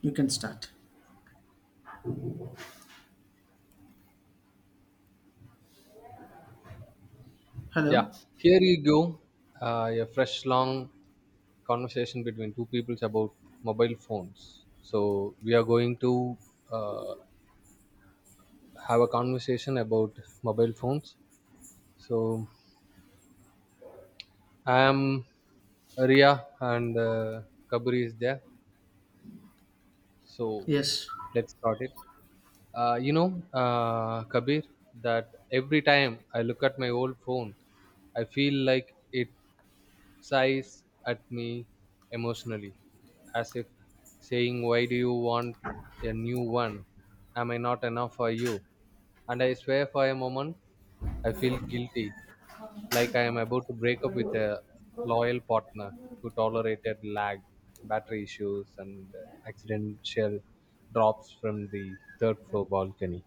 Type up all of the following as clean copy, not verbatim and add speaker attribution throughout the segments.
Speaker 1: You can start.
Speaker 2: Yeah,
Speaker 1: Hello.
Speaker 2: here you go. A fresh, long conversation between two peoples about mobile phones. So we are going to uh, have a conversation about mobile phones. So I am Ria, and Kabir is there. So
Speaker 1: Yes.
Speaker 2: let's start it. Kabir, that every time I look at my old phone, I feel like it sighs at me emotionally, as if saying, "Why do you want a new one? Am I not enough for you?" And I swear, for a moment, I feel guilty, like I am about to break up with a loyal partner who tolerated lag, battery issues, and accidental drops from the third floor balcony.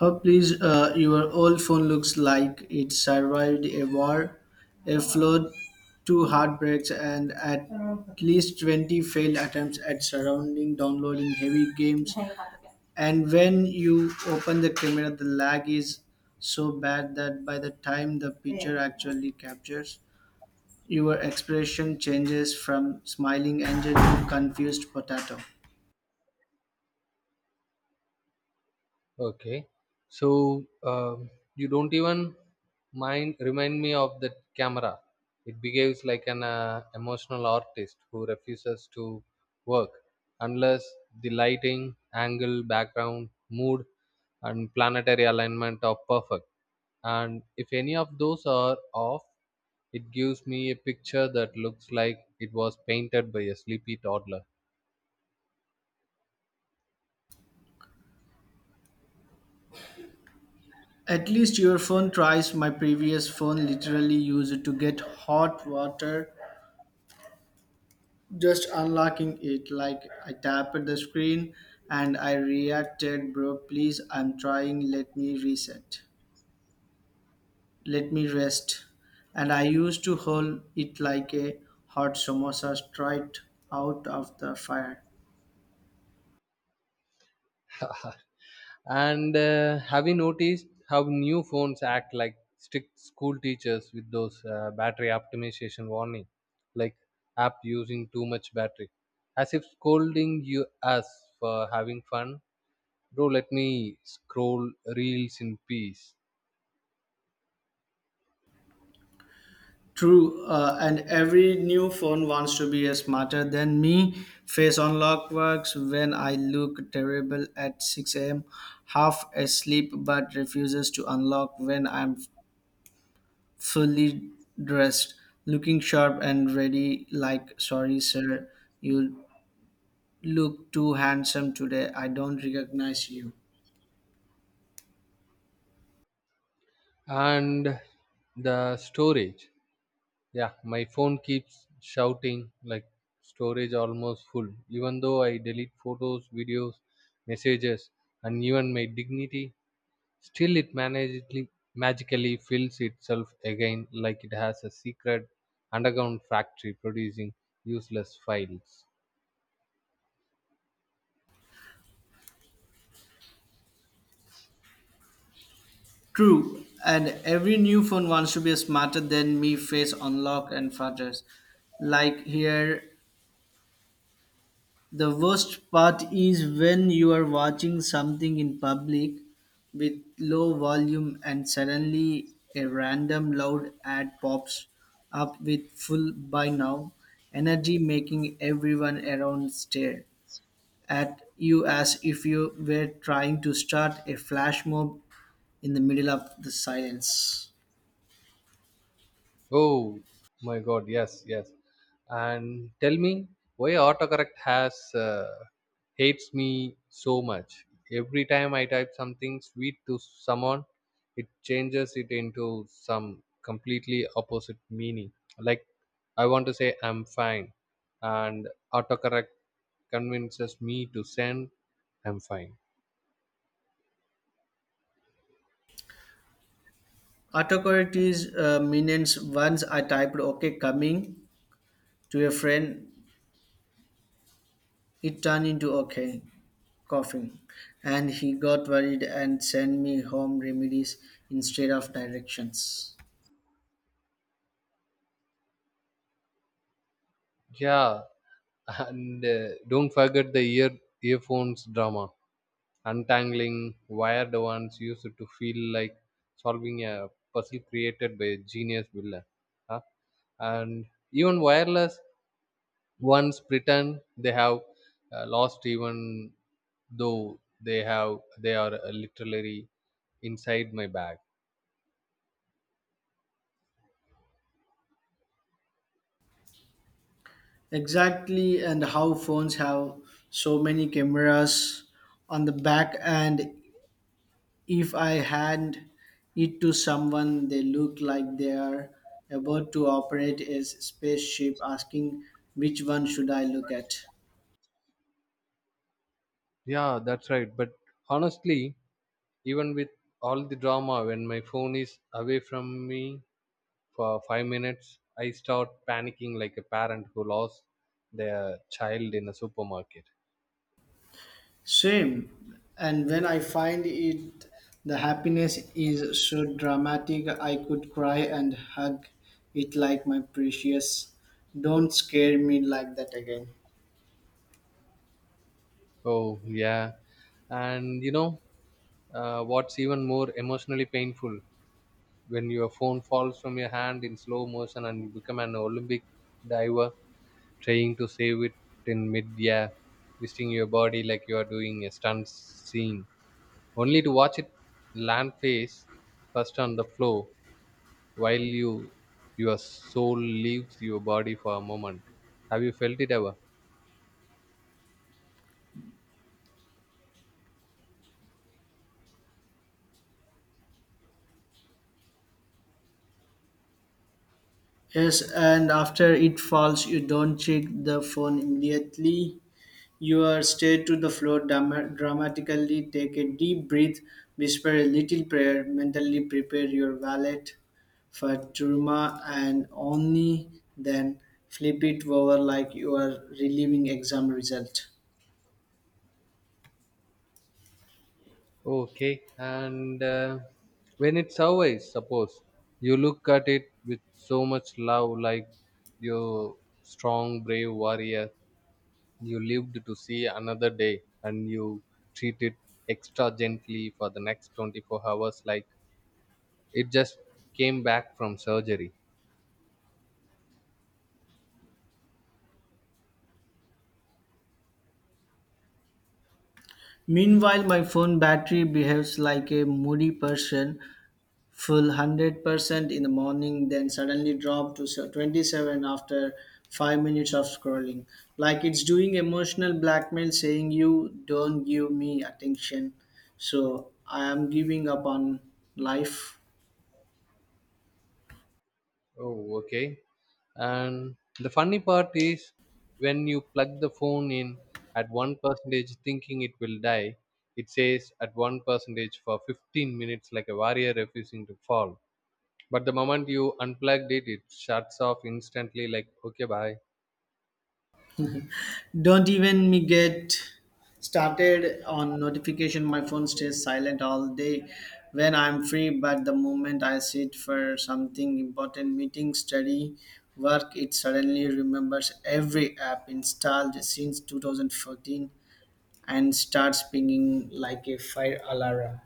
Speaker 1: How please your old phone looks like it survived a war, a flood, two heartbreaks, and at least 20 failed attempts at surrounding downloading heavy games. And when you open the camera, the lag is so bad that by the time the picture actually captures, your expression changes from smiling angel to confused potato.
Speaker 2: Okay. So you don't even mind remind me of that camera. It behaves like an emotional artist who refuses to work unless the lighting, angle, background, mood, and planetary alignment are perfect. And if any of those are off, it gives me a picture that looks like it was painted by a sleepy toddler.
Speaker 1: At least your phone tries. My previous phone literally used to get hot water just unlocking it. Like I tapped the screen and I reacted, bro, please, I'm trying, let me reset. Let me rest. And I used to hold it like a hot samosa straight out of the fire.
Speaker 2: And have you noticed how new phones act like strict school teachers with those battery optimization warning, like app using too much battery, as if scolding you us for having fun? Bro, let me scroll reels in peace.
Speaker 1: True, and every new phone wants to be smarter than me. Face unlock works when I look terrible at 6 a.m., half asleep, but refuses to unlock when I'm fully dressed, looking sharp and ready. Like, sorry, sir, you look too handsome today. I don't recognize you.
Speaker 2: And the storage, yeah, my phone keeps shouting like storage almost full, even though I delete photos, videos, messages, and even my dignity. Still, it magically, magically fills itself again like it has a secret underground factory producing useless files.
Speaker 1: True, and every new phone wants to be smarter than me. Face unlock and flutters. Like here, the worst part is when you are watching something in public with low volume and suddenly a random loud ad pops up with full by now energy making everyone around stare at you as if you were trying to start a flash mob in the middle of the silence.
Speaker 2: Oh my God, yes, yes. And tell me why autocorrect has hates me so much. Every time I type something sweet to someone, it changes it into some completely opposite meaning. Like, I want to say I'm fine, and autocorrect convinces me to send I'm fine.
Speaker 1: Autocorrect is means once I typed okay coming to a friend, it turned into okay. Coughing, and he got worried and sent me home remedies instead of directions.
Speaker 2: Yeah, and don't forget the earphones drama. Untangling wired ones used to feel like solving a puzzle created by a genius builder, huh? And even wireless ones pretend they have lost, even though they are literally inside my bag.
Speaker 1: Exactly, and how phones have so many cameras on the back, and if I hand it to someone, they look like they are about to operate a spaceship asking which one should I look at.
Speaker 2: Yeah, that's right. But honestly, even with all the drama, when my phone is away from me for 5 minutes, I start panicking like a parent who lost their child in a supermarket.
Speaker 1: Same. And when I find it, the happiness is so dramatic, I could cry and hug it like my precious. Don't scare me like that again.
Speaker 2: Oh, yeah. And you know, what's even more emotionally painful when your phone falls from your hand in slow motion and you become an Olympic diver trying to save it in mid air, twisting your body like you are doing a stunt scene, only to watch it land face first on the floor while your soul leaves your body for a moment. Have you felt it ever?
Speaker 1: Yes, and after it falls, you don't check the phone immediately. You stare to the floor dramatically, take a deep breath, whisper a little prayer, mentally prepare your wallet for Turma, and only then flip it over like you are relieving exam result.
Speaker 2: Okay, and when it's always suppose, you look at it with so much love, like your strong brave warrior, you lived to see another day, and you treat it extra gently for the next 24 hours like it just came back from surgery.
Speaker 1: Meanwhile, my phone battery behaves like a moody person full 100% in the morning, then suddenly drop to 27 after 5 minutes of scrolling. Like it's doing emotional blackmail saying, "You don't give me attention, so I am giving up on life."
Speaker 2: Oh, okay. And the funny part is when you plug the phone in at one percentage thinking it will die, it says at one percentage for 15 minutes like a warrior refusing to fall. But the moment you unplugged it, it shuts off instantly like, okay, bye.
Speaker 1: Don't even me get started on notification. My phone stays silent all day when I'm free, but the moment I sit for something important, meeting, study, work, it suddenly remembers every app installed since 2014 and starts pinging like a fire alarm.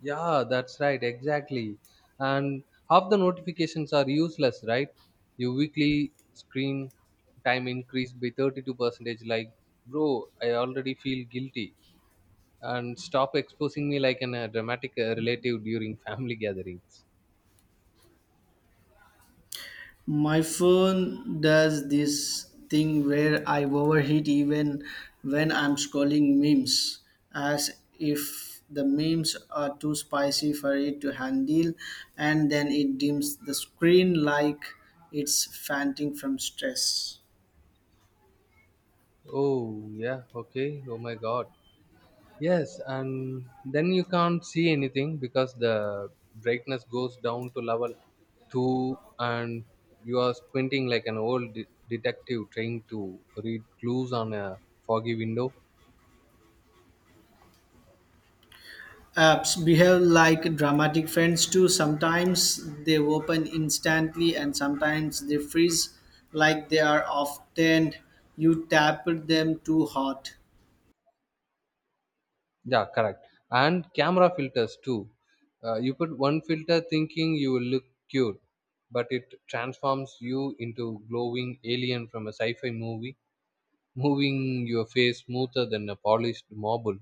Speaker 2: Yeah, that's right, exactly. And half the notifications are useless, right? Your weekly screen time increased by 32 percentage, like, bro, I already feel guilty. And stop exposing me like a dramatic relative during family gatherings.
Speaker 1: My phone does this thing where I overheat even when I'm scrolling memes, as if the memes are too spicy for it to handle, and then it dims the screen like it's fainting from stress.
Speaker 2: Oh, yeah, okay. Oh my god. Yes, and then you can't see anything because the brightness goes down to level 2 and you are squinting like an old detective trying to read clues on a foggy window.
Speaker 1: Apps behave like dramatic friends too. Sometimes they open instantly, and sometimes they freeze like they are often you tapped them too hard.
Speaker 2: Yeah, correct. And camera filters too. You put one filter thinking you will look cute, but it transforms you into glowing alien from a sci-fi movie, moving your face smoother than a polished marble.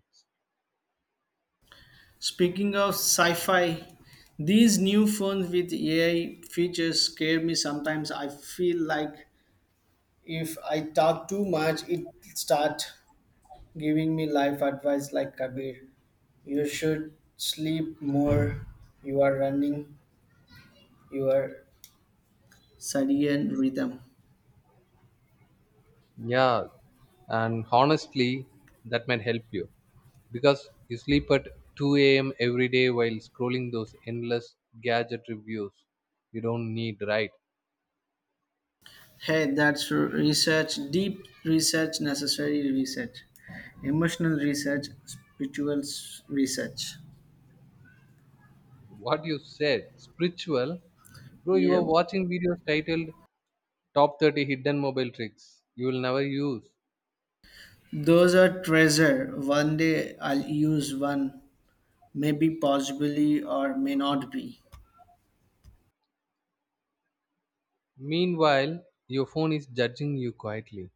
Speaker 1: Speaking of sci fi, these new phones with AI features scare me sometimes. I feel like if I talk too much, it start giving me life advice like Kabir. You should sleep more. You are running your circadian rhythm.
Speaker 2: Yeah, and honestly, that might help you because you sleep at 2 a.m. every day while scrolling those endless gadget reviews you don't need, right?
Speaker 1: Hey, that's research, deep research, necessary research, emotional research, spiritual research.
Speaker 2: What you said, spiritual. Bro, you
Speaker 1: Yeah,
Speaker 2: are watching videos titled "Top 30 Hidden Mobile Tricks You Will Never Use."
Speaker 1: those are treasure. One day I'll use one. Maybe, possibly, or may not be.
Speaker 2: Meanwhile, your phone is judging you quietly.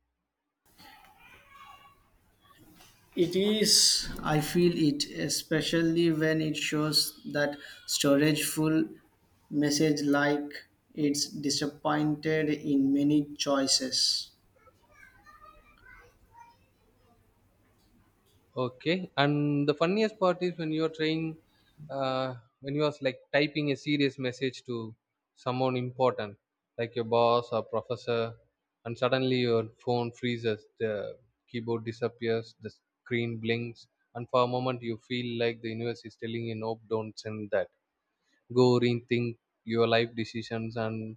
Speaker 1: It is, I feel it, especially when it shows that storage full message like it's disappointed in many choices.
Speaker 2: Okay, and the funniest part is when you are trying, uh, when you are like typing a serious message to someone important, like your boss or professor, and suddenly your phone freezes, the keyboard disappears, the screen blinks, and for a moment you feel like the universe is telling you, nope, don't send that. Go rethink your life decisions, and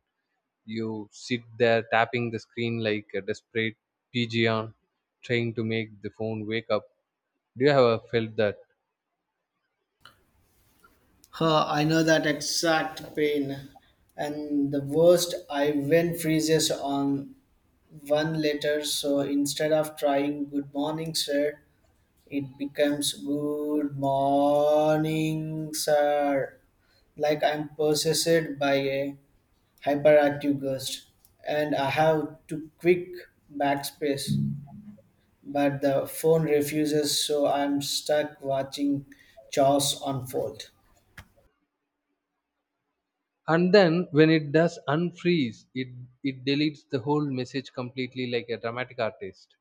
Speaker 2: you sit there tapping the screen like a desperate pigeon, trying to make the phone wake up. Do you ever felt that?
Speaker 1: Huh, I know that exact pain. And the worst, I went freezes on one letter. So instead of trying good morning, sir, it becomes good morning, sir. Like I'm possessed by a hyperactive ghost and I have to quick backspace, but the phone refuses, so I'm stuck watching chores unfold.
Speaker 2: And then when it does unfreeze, it deletes the whole message completely, like a dramatic artist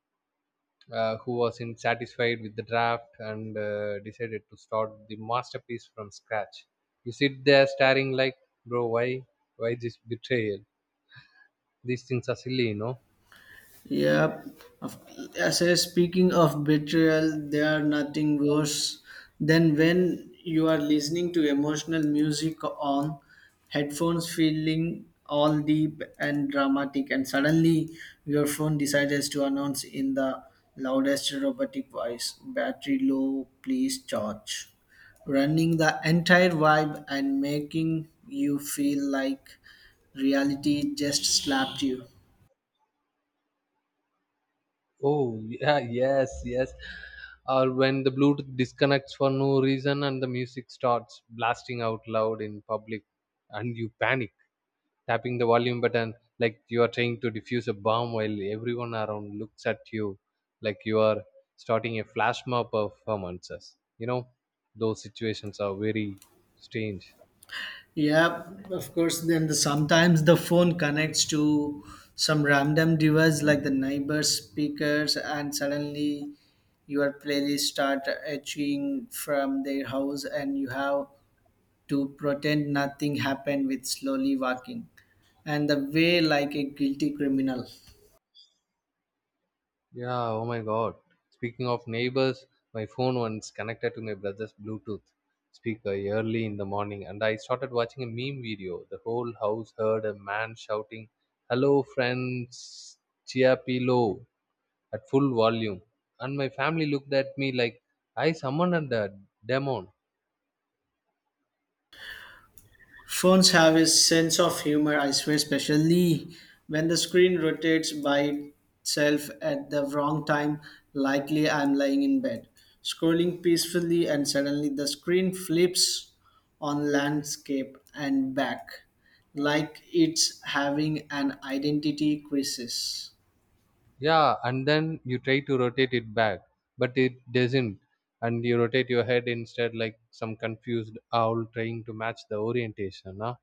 Speaker 2: who was insatisfied with the draft and decided to start the masterpiece from scratch. You sit there staring like, bro, why this betrayal? These things are silly, you know.
Speaker 1: Yep. Of- As I speaking of betrayal, there are nothing worse than when you are listening to emotional music on headphones, feeling all deep and dramatic, and suddenly your phone decides to announce in the loudest robotic voice, "Battery low, please charge." Running the entire vibe and making you feel like reality just slapped you.
Speaker 2: Oh yeah, yes, yes. Or when the Bluetooth disconnects for no reason and the music starts blasting out loud in public, and you panic tapping the volume button like you are trying to defuse a bomb while everyone around looks at you like you are starting a flash mob performances, you know. Those situations are very strange.
Speaker 1: Yeah, of course. Then the, sometimes the phone connects to some random device like the neighbor's speakers, and suddenly your playlist start etching from their house, and you have to pretend nothing happened with slowly walking and the way like a guilty criminal.
Speaker 2: Yeah, oh my god, speaking of neighbors, my phone once connected to my brother's bluetooth speaker early in the morning and I started watching a meme video. The whole house heard a man shouting, "Hello friends, Chiapilo." at full volume. And my family looked at me like I summoned a demon.
Speaker 1: Phones have a sense of humor, I swear, especially when the screen rotates by itself at the wrong time, likely I'm lying in bed, scrolling peacefully, and suddenly the screen flips on landscape and back, like it's having an identity crisis.
Speaker 2: Yeah, and then you try to rotate it back, but it doesn't. And you rotate your head instead like some confused owl trying to match the orientation, huh?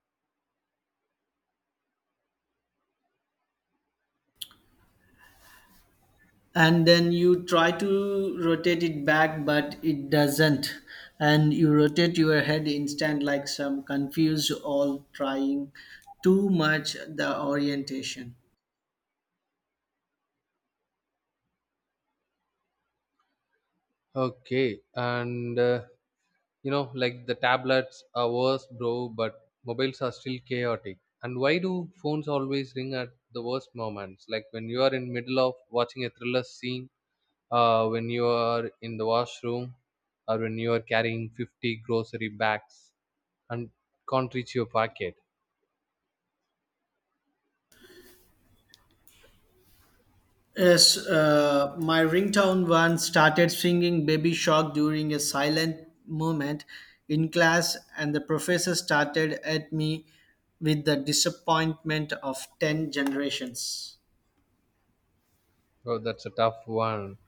Speaker 1: And then you try to rotate it back but it doesn't, and you rotate your head instant like some confused all trying too much the orientation.
Speaker 2: Okay, and you know, like the tablets are worse, bro, but mobiles are still chaotic. And why do phones always ring at the worst moments? Like when you are in middle of watching a thriller scene, when you are in the washroom, or when you are carrying 50 grocery bags and can't reach your pocket.
Speaker 1: Yes, my ringtone once started singing baby shark during a silent moment in class and the professor started at me with the disappointment of 10 generations.
Speaker 2: Oh, that's a tough one.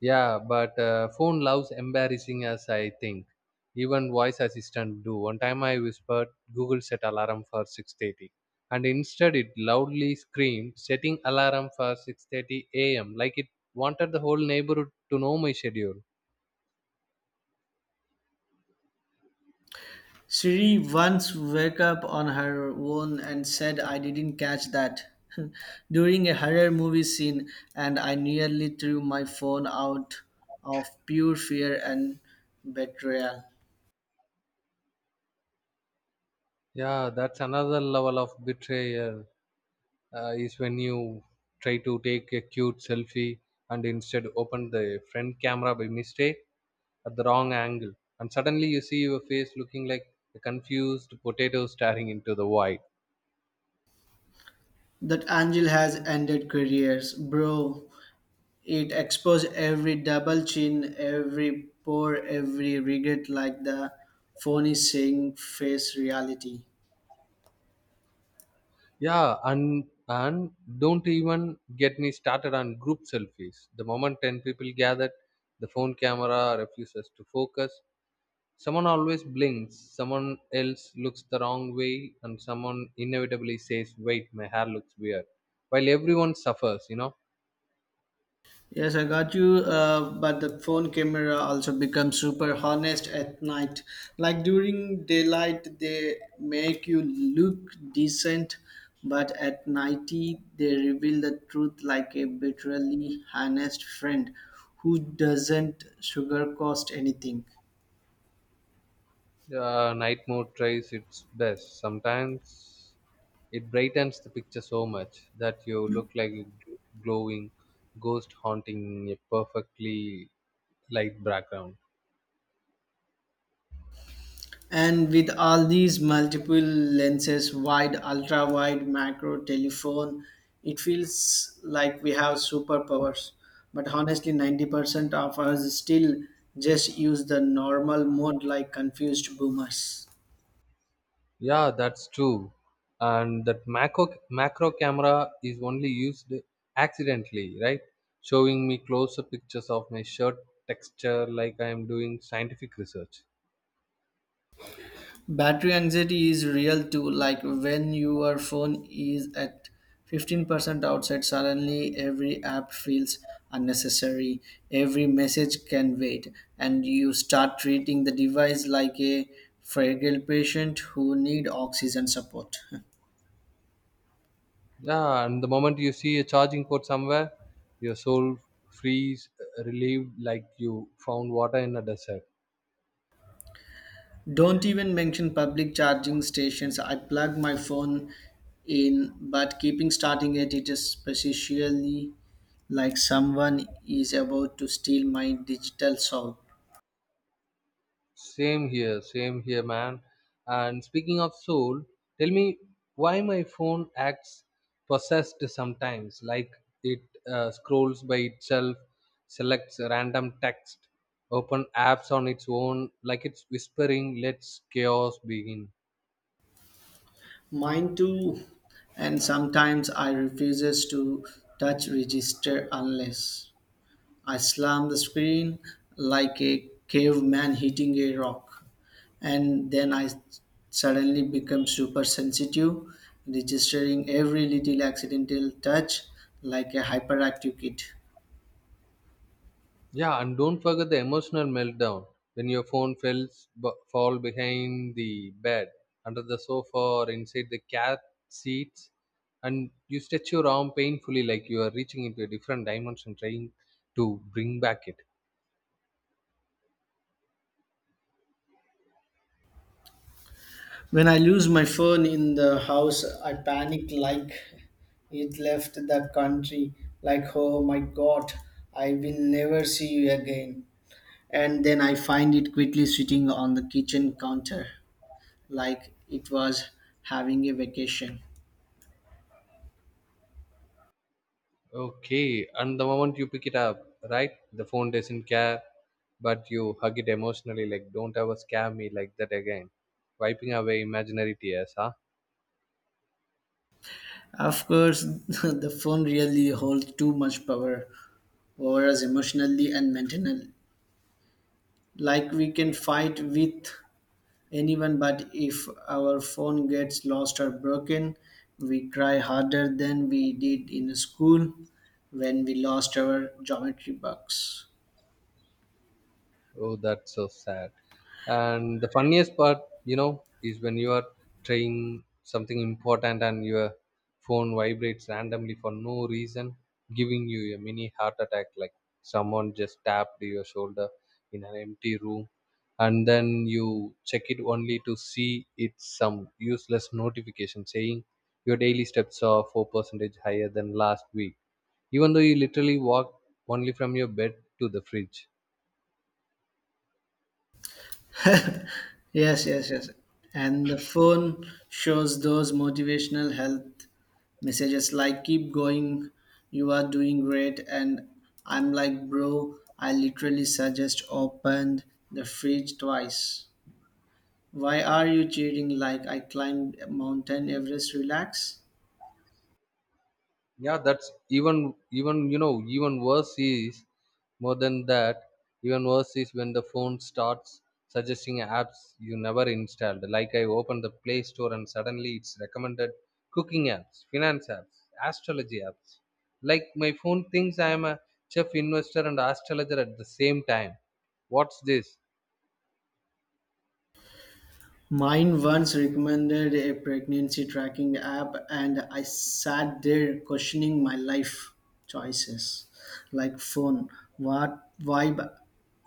Speaker 2: Yeah, but phone loves embarrassing us, I think. Even voice assistant do. One time I whispered, "Google, set alarm for 6:30," and instead it loudly screamed, "setting alarm for 6:30 a.m." Like it wanted the whole neighborhood to know my schedule.
Speaker 1: Shri once woke up on her own and said, "I didn't catch that." During a horror movie scene, and I nearly threw my phone out of pure fear and betrayal.
Speaker 2: Yeah, that's another level of betrayal. Is when you try to take a cute selfie and instead open the front camera by mistake at the wrong angle, and suddenly you see your face looking like a confused potato staring into the void.
Speaker 1: That angel has ended careers, bro. It exposed every double chin, every pore, every regret like the phony saying face reality.
Speaker 2: And don't even get me started on group selfies. The moment 10 people gathered, the phone camera refuses to focus. Someone always blinks, someone else looks the wrong way, and someone inevitably says, "Wait, my hair looks weird." While everyone suffers, you know,
Speaker 1: Yes, I got you. But the phone camera also becomes super honest at night. Like during daylight, they make you look decent, but at nighty, they reveal the truth like a bitterly honest friend who doesn't sugarcoat anything.
Speaker 2: night mode tries its best. Sometimes it brightens the picture so much that you look like a glowing ghost haunting a perfectly light background.
Speaker 1: And with all these multiple lenses, wide, ultra wide, macro, telephone, it feels like we have superpowers. But honestly, 90% of us still just use the normal mode like confused boomers.
Speaker 2: Yeah, that's true. And that macro camera is only used accidentally, right? Showing me closer pictures of my shirt texture like I am doing scientific research.
Speaker 1: Battery anxiety is real too, like when your phone is at 15% outside, suddenly every app feels unnecessary, every message can wait, and you start treating the device like a fragile patient who need oxygen support.
Speaker 2: Yeah, and the moment you see a charging port somewhere, your soul frees, relieved like you found water in a desert.
Speaker 1: Don't even mention public charging stations. I plug my phone in, but keeping starting it, it is specially like someone is about to steal my digital soul.
Speaker 2: Same here, man. And speaking of soul, tell me why my phone acts possessed sometimes, like it scrolls by itself, selects random text, open apps on its own, like it's whispering, let's chaos begin.
Speaker 1: Mine too. And sometimes I refuses to touch register unless. I slammed the screen like a caveman hitting a rock. And then I suddenly became super sensitive, registering every little accidental touch like a hyperactive kid.
Speaker 2: Yeah, and don't forget the emotional meltdown when your phone falls b- fall behind the bed, under the sofa, or inside the cat seats, and you stretch your arm painfully like you are reaching into a different dimension trying to bring back it.
Speaker 1: When I lose my phone in the house, I panic like it left the country, like, oh my god, I will never see you again. And then I find it quickly sitting on the kitchen counter, like it was having a vacation.
Speaker 2: Okay, and the moment you pick it up, right, the phone doesn't care, but you hug it emotionally like, "Don't ever scare me like that again," wiping away imaginary tears, huh?
Speaker 1: Of course, the phone really holds too much power over us emotionally and mentally. Like we can fight with anyone, but if our phone gets lost or broken, we cry harder than we did in school when we lost our geometry box.
Speaker 2: Oh, that's so sad. And the funniest part, you know, is when you are trying something important and your phone vibrates randomly for no reason, giving you a mini heart attack like someone just tapped your shoulder in an empty room. And then you check it only to see it's some useless notification saying your daily steps are 4% higher than last week, even though you literally walked only from your bed to the fridge.
Speaker 1: Yes, yes, yes. And the phone shows those motivational health messages like keep going, you are doing great, and I'm like bro, I literally suggest opened the fridge twice, why are you cheating like I climbed mountain everest, relax.
Speaker 2: Yeah that's even even you know even worse is more than that even worse is when the phone starts suggesting apps you never installed. Like, I opened the play store and suddenly it's recommended cooking apps, finance apps, astrology apps, like my phone thinks I am a chef, investor, and astrologer at the same time. What's this?
Speaker 1: Mine once recommended a pregnancy tracking app and I sat there questioning my life choices, like phone, what vibe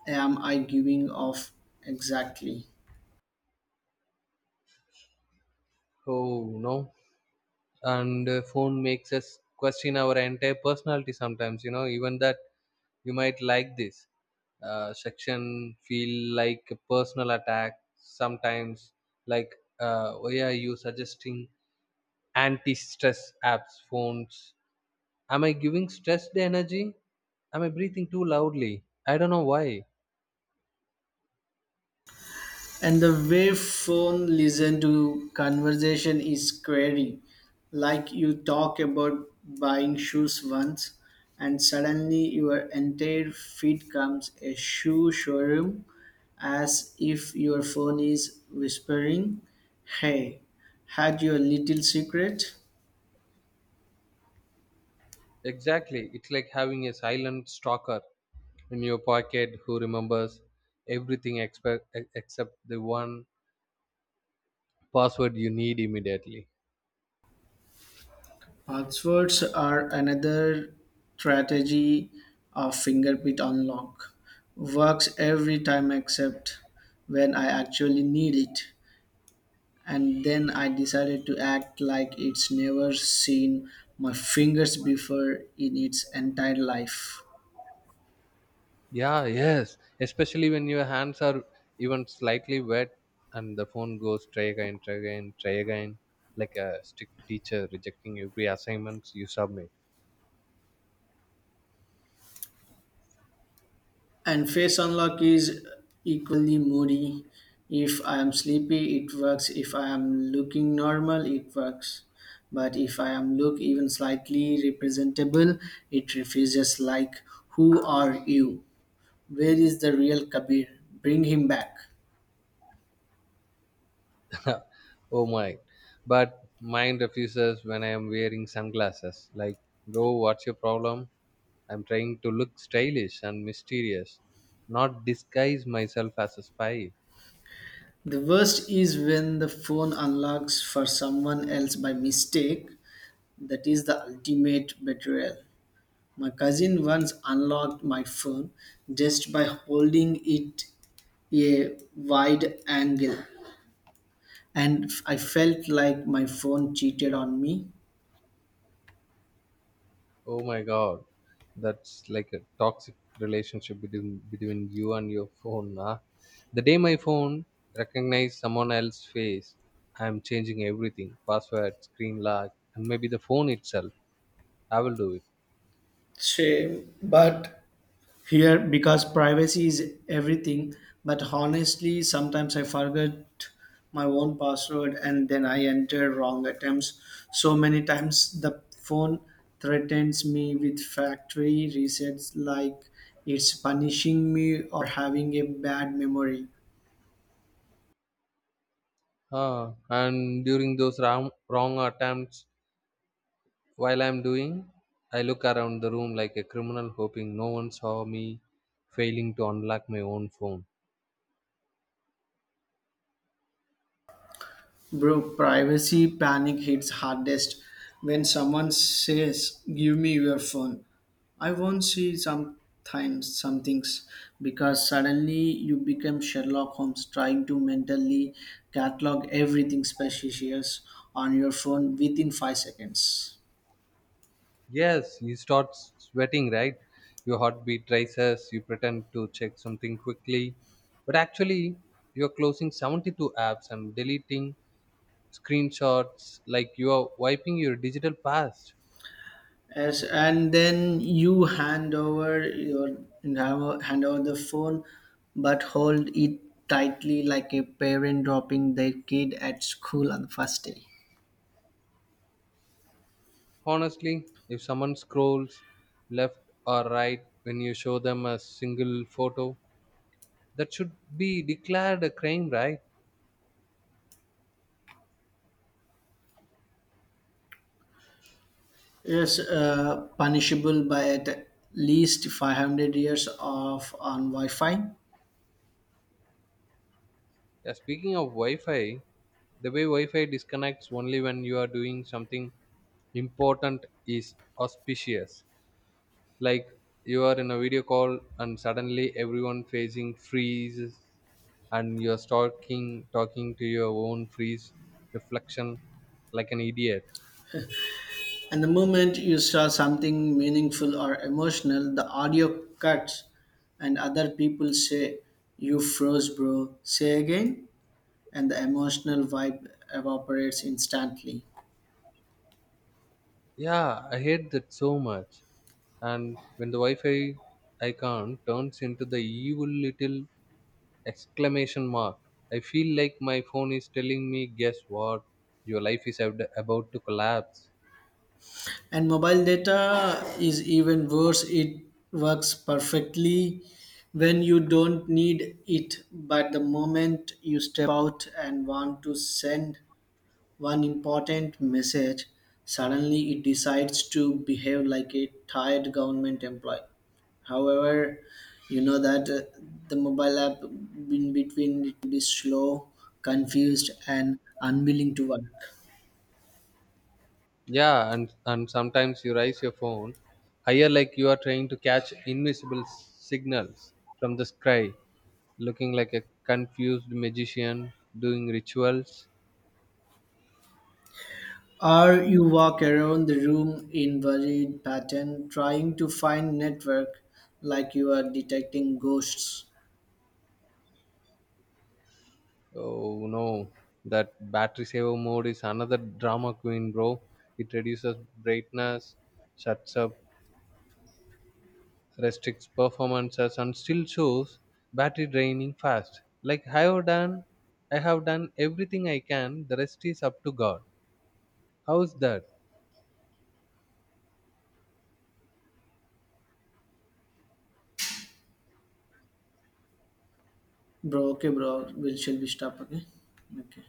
Speaker 1: am I giving off? Exactly.
Speaker 2: Oh no. And phone makes us question our entire personality sometimes, you know. Even that "you might like this" section feel like a personal attack sometimes. Like, why are you suggesting anti-stress apps, phones? Am I giving stress the energy? Am I breathing too loudly? I don't know why.
Speaker 1: And the way phone listen to conversation is scary. Like you talk about buying shoes once and suddenly your entire feed comes a shoe showroom as if your phone is whispering, "Hey, had your little secret?"
Speaker 2: Exactly, it's like having a silent stalker in your pocket who remembers everything, except the one password you need immediately.
Speaker 1: Passwords are another strategy of fingerprint unlock. Works every time except when I actually need it. And then I decided to act like it's never seen my fingers before in its entire life.
Speaker 2: Yeah, yes, especially when your hands are even slightly wet and the phone goes try again, try again, try again, like a strict teacher rejecting every assignments you submit.
Speaker 1: And face unlock is equally moody. If I am sleepy, it works. If I am looking normal, it works. But if I am look even slightly representable, it refuses like, who are you? Where is the real Kabir? Bring him back.
Speaker 2: Oh my. But mine refuses when I am wearing sunglasses. Like, bro, what's your problem? I'm trying to look stylish and mysterious, not disguise myself as a spy.
Speaker 1: The worst is when the phone unlocks for someone else by mistake. That is the ultimate betrayal. My cousin once unlocked my phone just by holding it a wide angle, and I felt like my phone cheated on me.
Speaker 2: Oh my God, that's like a toxic relationship between you and your phone. Nah? The day my phone recognizes someone else's face, I'm changing everything: password, screen lock, and maybe the phone itself. I will do it.
Speaker 1: Same, but here because privacy is everything, but honestly sometimes I forget my own password and then I enter wrong attempts so many times the phone threatens me with factory resets like it's punishing me or having a bad memory.
Speaker 2: Ah, and during those wrong attempts, while I'm doing, I look around the room like a criminal, hoping no one saw me failing to unlock my own phone.
Speaker 1: Bro, privacy panic hits hardest when someone says, "Give me your phone. I won't see sometimes some things," because suddenly you become Sherlock Holmes trying to mentally catalog everything suspicious on your phone within 5 seconds.
Speaker 2: Yes, you start sweating, right? Your heartbeat rises, you pretend to check something quickly, but actually, you're closing 72 apps and deleting screenshots like you are wiping your digital past.
Speaker 1: Yes, and then you hand over the phone, but hold it tightly like a parent dropping their kid at school on the first day.
Speaker 2: Honestly, if someone scrolls left or right when you show them a single photo, that should be declared a crime, right?
Speaker 1: Yes, punishable by at least 500 years of on Wi-Fi.
Speaker 2: Yeah, speaking of Wi Fi, the way wi-fi disconnects only when you are doing something important is auspicious. Like, you are in a video call and suddenly everyone facing freezes, and you're talking to your own freeze reflection like an idiot.
Speaker 1: And the moment you saw something meaningful or emotional, the audio cuts, and other people say, "You froze, bro. Say again," and the emotional vibe evaporates instantly.
Speaker 2: Yeah, I hate that so much. And when the wi-fi icon turns into the evil little exclamation mark, I feel like my phone is telling me, guess what, your life is about to collapse.
Speaker 1: And mobile data is even worse, it works perfectly when you don't need it, but the moment you step out and want to send one important message, suddenly it decides to behave like a tired government employee. However, you know that the mobile app in between it is slow, confused, and unwilling to work.
Speaker 2: Yeah, and sometimes you raise your phone higher like you are trying to catch invisible signals from the sky, looking like a confused magician doing rituals.
Speaker 1: Or you walk around the room in worried pattern trying to find network like you are detecting ghosts.
Speaker 2: Oh no, that battery saver mode is another drama queen, bro. It reduces brightness, shuts up, restricts performances, and still shows battery draining fast, like, I have done everything I can, the rest is up to god. How's that?
Speaker 1: Bro, okay bro, we shall we stop okay? Okay.